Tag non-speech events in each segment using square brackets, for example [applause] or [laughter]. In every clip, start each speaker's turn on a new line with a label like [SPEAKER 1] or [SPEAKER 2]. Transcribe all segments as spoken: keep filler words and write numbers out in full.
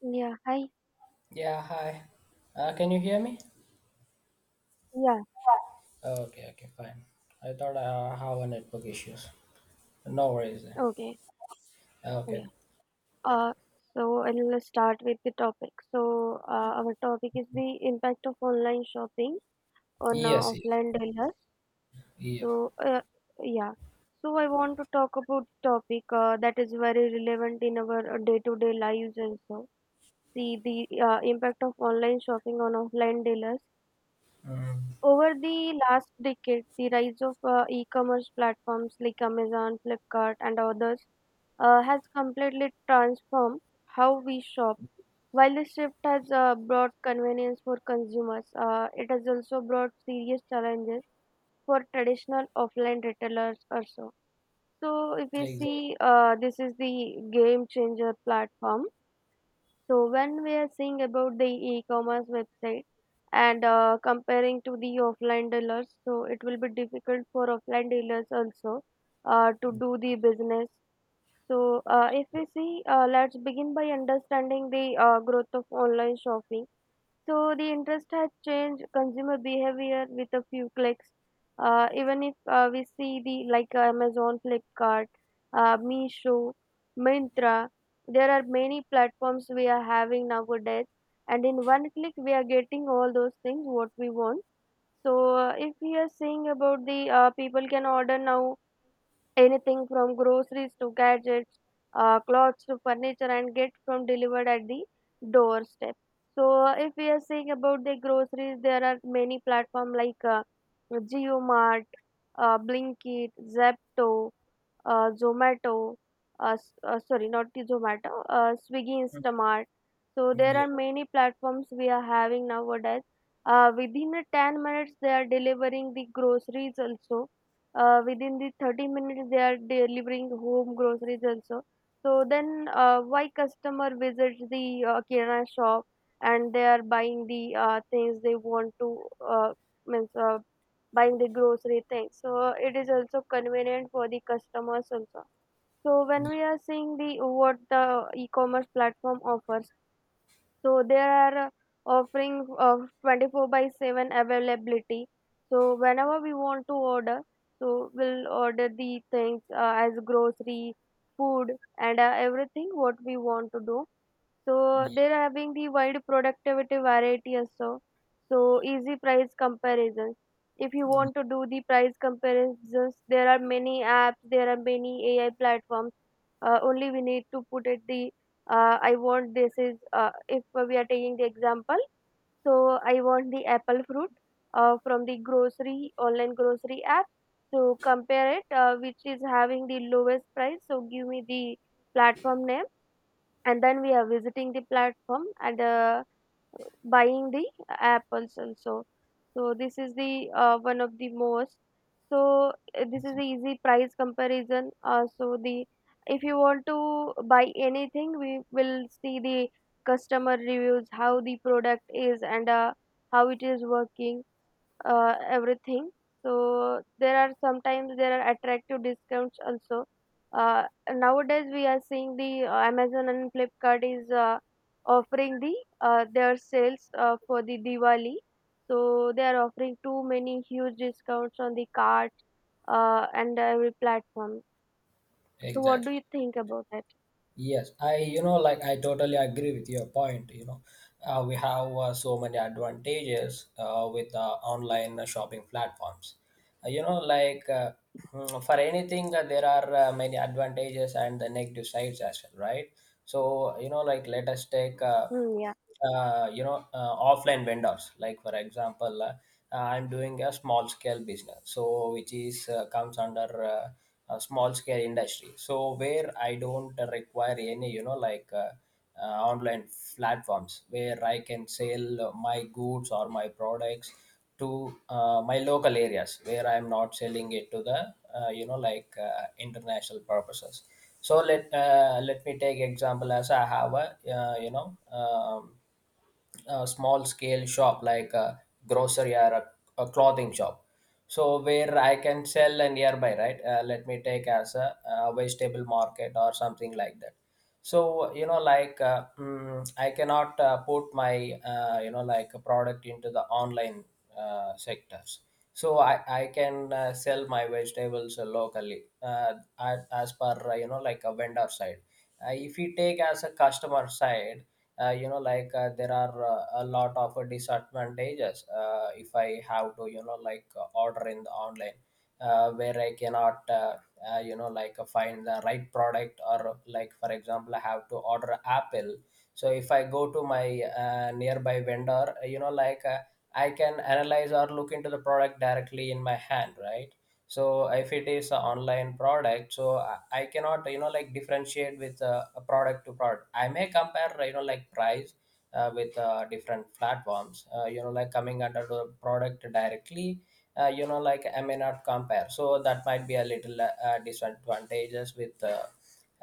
[SPEAKER 1] Yeah, hi.
[SPEAKER 2] Yeah, hi. Uh, can you hear me?
[SPEAKER 1] Yeah,
[SPEAKER 2] Oh, okay, okay, fine. I thought I have a network issues. No worries then.
[SPEAKER 1] okay. Yeah.
[SPEAKER 2] Okay.
[SPEAKER 1] Uh, so I'll start with the topic. So, uh, our topic is the impact of online shopping on uh,
[SPEAKER 2] Yes, yes,
[SPEAKER 1] offline dealers.
[SPEAKER 2] yeah.
[SPEAKER 1] So, uh, yeah. So I want to talk about topic uh, that is very relevant in our uh, day-to-day lives also. See the uh, impact of online shopping on offline dealers
[SPEAKER 2] Mm,
[SPEAKER 1] Over the last decade, the rise of uh, e-commerce platforms like Amazon, Flipkart, and others uh, has completely transformed how we shop. While the shift has uh, brought convenience for consumers, uh, it has also brought serious challenges for traditional offline retailers also. So, if we
[SPEAKER 2] exactly.
[SPEAKER 1] see, uh, this is the game changer platform, so when we are seeing about the e-commerce website and uh, comparing to the offline dealers, so it will be difficult for offline dealers also uh, to do the business. So uh, if we see, uh, let's begin by understanding the uh, growth of online shopping, so the interest has changed consumer behavior with a few clicks. Uh, even if uh, we see the like uh, Amazon, Flipkart, uh, Meesho, Myntra, there are many platforms we are having nowadays, and in one click we are getting all those things what we want. So uh, if we are saying about the uh, people can order now anything from groceries to gadgets, uh, clothes to furniture, and get from delivered at the doorstep. So, uh, if we are saying about the groceries, there are many platforms like uh, JioMart, uh, Blinkit, Zepto, uh, Zomato, uh, s- uh, sorry, not the Zomato, uh, Swiggy
[SPEAKER 2] Mm,
[SPEAKER 1] Instamart. So there
[SPEAKER 2] yeah,
[SPEAKER 1] are many platforms we are having nowadays. Uh, within a ten minutes, they are delivering the groceries also, uh, within the thirty minutes they are delivering home groceries also, so then uh, why customer visits the uh, kirana shop and they are buying the uh, things they want to, uh, means, uh, buying the grocery things, so it is also convenient for the customers also. So when we are seeing the what the e-commerce platform offers, so there are uh, offering of twenty-four by seven availability. So whenever we want to order, so we'll order the things uh, as grocery, food, and uh, everything what we want to do. So
[SPEAKER 2] yeah,
[SPEAKER 1] they're having the wide productivity variety also. So easy price comparisons. If you want to do the price comparisons, there are many apps, there are many A I platforms, uh, only we need to put it the uh, I want this is, uh, if we are taking the example, so I want the apple fruit uh, from the grocery online grocery app, so compare it uh, which is having the lowest price, so give me the platform name, and then we are visiting the platform and uh, buying the apples also. So so this is the, uh, one of the most. So uh, this is the
[SPEAKER 2] yes,
[SPEAKER 1] easy price comparison, uh, so the if you want to buy anything, we will see the customer reviews how the product is and uh, how it is working, uh, everything. So there are sometimes there are attractive discounts also. Uh, Nowadays we are seeing the uh, Amazon and Flipkart is uh, offering the uh, their sales uh, for the Diwali. So they are offering too many huge discounts on the cart uh, and every platform. So what do
[SPEAKER 2] exactly.
[SPEAKER 1] you think about that?
[SPEAKER 2] Yes, I, you know, like I totally agree with your point. You know, uh, we have uh, so many advantages uh, with uh, online shopping platforms. Uh, you know like uh, [clears throat] for anything uh, there are uh, many advantages and the negative sides as well, right? So you know like let us take uh,
[SPEAKER 1] Hmm, yeah,
[SPEAKER 2] uh, you know uh, offline vendors. Like, for example, uh, uh, I'm doing a small scale business, so which is uh, comes under uh, a small scale industry, so where I don't require any, you know like uh, uh, online platforms where I can sell my goods or my products to uh, my local areas, where I am not selling it to the, uh, you know like uh, international purposes. So let uh, let me take example as I have a, uh, you know um, a small scale shop, like a grocery, or a, a clothing shop, So where I can sell a nearby, right. Uh, let me take as a, a vegetable market or something like that. So, you know like uh, mm, I cannot uh, put my, uh, you know like a product into the online uh, sectors. So i i can uh, sell my vegetables uh, locally, uh, as, as per, uh, you know like a vendor side. Uh, if you take as a customer side, uh, you know like uh, there are uh, a lot of uh, disadvantages uh, if I have to, you know like uh, order in the online, uh, where I cannot, uh, uh, you know, like uh, find the right product. Or, like, for example, I have to order Apple. So if I go to my uh, nearby vendor, you know, like uh, I can analyze or look into the product directly in my hand, right? So if it is an online product, so i I cannot, you know like differentiate with uh, a product to product. I may compare, you know like price uh, with uh, different platforms, uh, you know like coming under the product directly. uh, you know like I may not compare, so that might be a little uh, uh, disadvantages with, uh,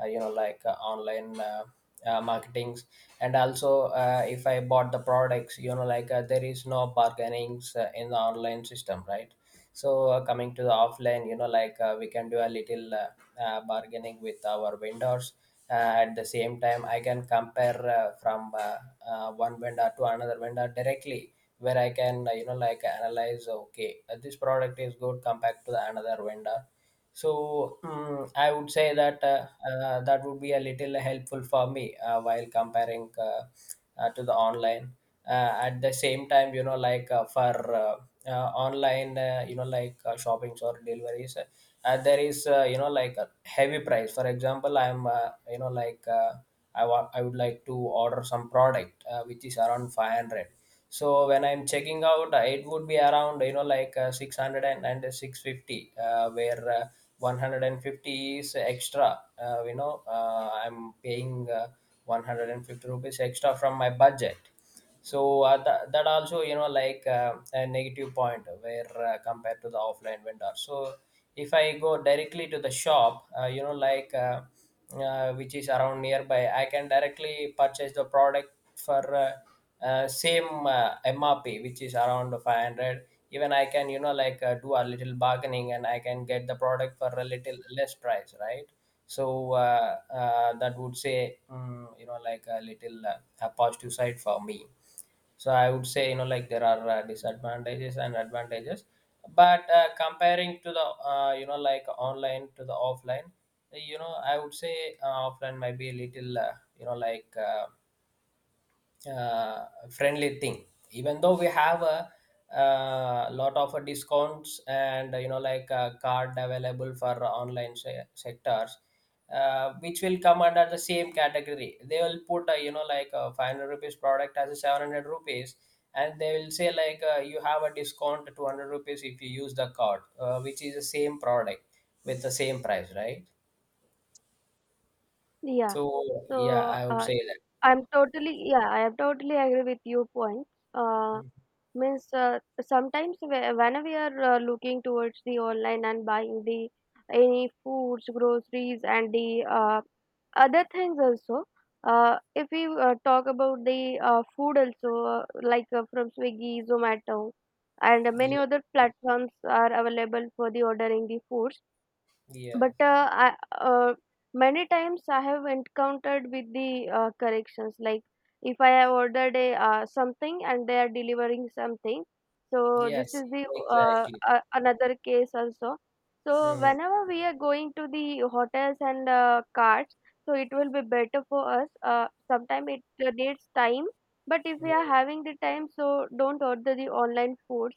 [SPEAKER 2] uh, you know like uh, online uh, uh, marketings. And also, uh, if I bought the products, you know like uh, there is no bargainings uh, in the online system, right? So, uh, coming to the offline, you know like uh, we can do a little uh, uh, bargaining with our vendors, uh, at the same time I can compare uh, from uh, uh, one vendor to another vendor directly, where I can, uh, you know like analyze, okay, uh, this product is good compared to the another vendor. So, mm, I would say that, uh, uh, that would be a little helpful for me uh, while comparing, uh, uh, to the online. Uh, at the same time, you know, like uh, for, uh, uh, online, uh, you know, like uh, shoppings or deliveries, uh, uh, there is, uh, you know like a heavy price. For example, I'm, uh, you know like uh, I want I would like to order some product uh, which is around five hundred. So when I'm checking out, uh, it would be around, you know like uh, six hundred and, six fifty, uh, where uh, one hundred fifty is extra. Uh, you know, uh, I'm paying uh, one hundred fifty rupees extra from my budget. So, uh, that, that also, you know like uh, a negative point, where uh, compared to the offline vendor. So if I go directly to the shop, uh, you know like uh, uh, which is around nearby, I can directly purchase the product for, uh, uh, same uh, M R P, which is around five hundred. Even I can, you know like uh, do a little bargaining and I can get the product for a little less price, right? So, uh, uh, that would say, mm, you know like a little uh, a positive side for me. So I would say, you know like there are uh, disadvantages and advantages, but uh, comparing to the, uh, you know like online to the offline, you know, I would say uh, offline might be a little, uh, you know like. Uh, uh, friendly thing. Even though we have a, uh lot of uh, discounts and, uh, you know like a card available for online se- sectors, uh, which will come under the same category, they will put, uh, you know like a five hundred rupees product as a seven hundred rupees, and they will say like, uh, you have a discount two hundred rupees if you use the card, uh, which is the same product with the same price, right?
[SPEAKER 1] yeah.
[SPEAKER 2] So yeah,
[SPEAKER 1] So
[SPEAKER 2] I would
[SPEAKER 1] uh,
[SPEAKER 2] say that.
[SPEAKER 1] I'm totally yeah I am totally agree with your point. Uh,
[SPEAKER 2] Mm.
[SPEAKER 1] Means, uh, sometimes whe- when we are uh, looking towards the online and buying the any foods, groceries, and the uh, other things also. Uh, if we uh, talk about the uh, food also, uh, like uh, from Swiggy, Zomato, and many
[SPEAKER 2] Yeah,
[SPEAKER 1] other platforms are available for the ordering the foods,
[SPEAKER 2] yeah,
[SPEAKER 1] but uh, I, uh, many times I have encountered with the uh, corrections, like if I have ordered a, uh, something and they are delivering something, so this
[SPEAKER 2] yes,
[SPEAKER 1] is the, uh,
[SPEAKER 2] exactly.
[SPEAKER 1] uh, another case also. So
[SPEAKER 2] Mm,
[SPEAKER 1] whenever we are going to the hotels and uh, carts, so it will be better for us, uh, sometimes it uh, needs time, but if we
[SPEAKER 2] mm,
[SPEAKER 1] are having the time so don't order the online foods.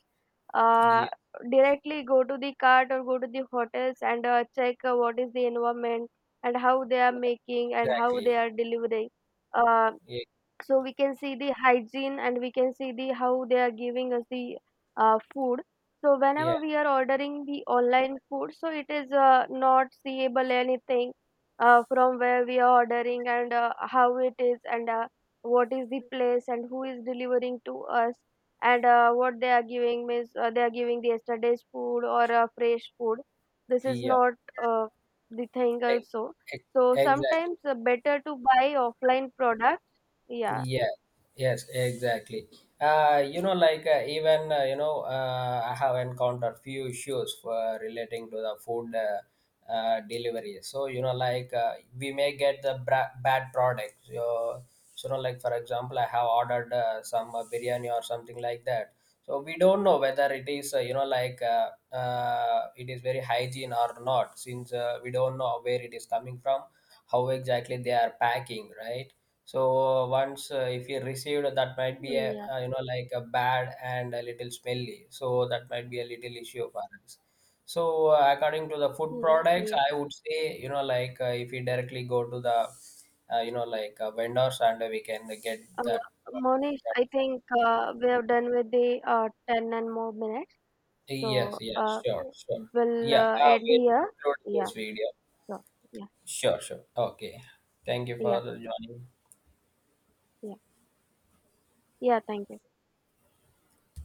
[SPEAKER 1] uh,
[SPEAKER 2] yeah,
[SPEAKER 1] Directly go to the cart or go to the hotels and uh, check uh, what is the environment and how they are
[SPEAKER 2] yeah,
[SPEAKER 1] making and how they
[SPEAKER 2] exactly.
[SPEAKER 1] are delivering. Uh,
[SPEAKER 2] Yeah,
[SPEAKER 1] so we can see the hygiene and we can see the how they are giving us the uh, food, so
[SPEAKER 2] yeah,
[SPEAKER 1] whenever we are ordering the online food, so it is uh, not seeable anything uh, from where we are ordering and uh, how it is and uh, what is the place and who is delivering to us and uh, what they are giving, means uh, they are giving the yesterday's food or uh, fresh food, this is
[SPEAKER 2] yeah,
[SPEAKER 1] not uh, the thing
[SPEAKER 2] ex-
[SPEAKER 1] also,
[SPEAKER 2] ex-
[SPEAKER 1] so
[SPEAKER 2] exactly.
[SPEAKER 1] sometimes uh, better to buy offline products. Yeah.
[SPEAKER 2] Yeah, yes, exactly. Uh, you know, like uh, even, uh, you know, uh, I have encountered few issues for relating to the food uh, uh, delivery. So, you know, like uh, we may get the bra- bad products. So, so, you know, like for example, I have ordered uh, some uh, biryani or something like that. So we don't know whether it is, uh, you know like uh, uh, it is very hygiene or not, since uh, we don't know where it is coming from, how exactly they are packing, right? So once, uh, if you received, that might be
[SPEAKER 1] Mm.
[SPEAKER 2] a,
[SPEAKER 1] Yeah.
[SPEAKER 2] uh, you know like a bad and a little smelly. So that might be a little issue for us. So, uh, according to the food
[SPEAKER 1] Mm,
[SPEAKER 2] products,
[SPEAKER 1] yeah.
[SPEAKER 2] I would say, you know like uh, if we directly go to the, uh, you know like uh, vendors and we can get that.
[SPEAKER 1] Uh,
[SPEAKER 2] uh,
[SPEAKER 1] Monish, I think uh, we have done with the uh, ten and more minutes.
[SPEAKER 2] Yes,
[SPEAKER 1] So
[SPEAKER 2] yes,
[SPEAKER 1] uh,
[SPEAKER 2] sure, sure.
[SPEAKER 1] we'll
[SPEAKER 2] Yeah,
[SPEAKER 1] uh,
[SPEAKER 2] uh,
[SPEAKER 1] end
[SPEAKER 2] we'll
[SPEAKER 1] here.
[SPEAKER 2] conclude
[SPEAKER 1] Yeah,
[SPEAKER 2] this video.
[SPEAKER 1] so yeah,
[SPEAKER 2] Sure, sure. Okay. Thank you
[SPEAKER 1] yeah,
[SPEAKER 2] for joining.
[SPEAKER 1] yeah, yeah. Thank you.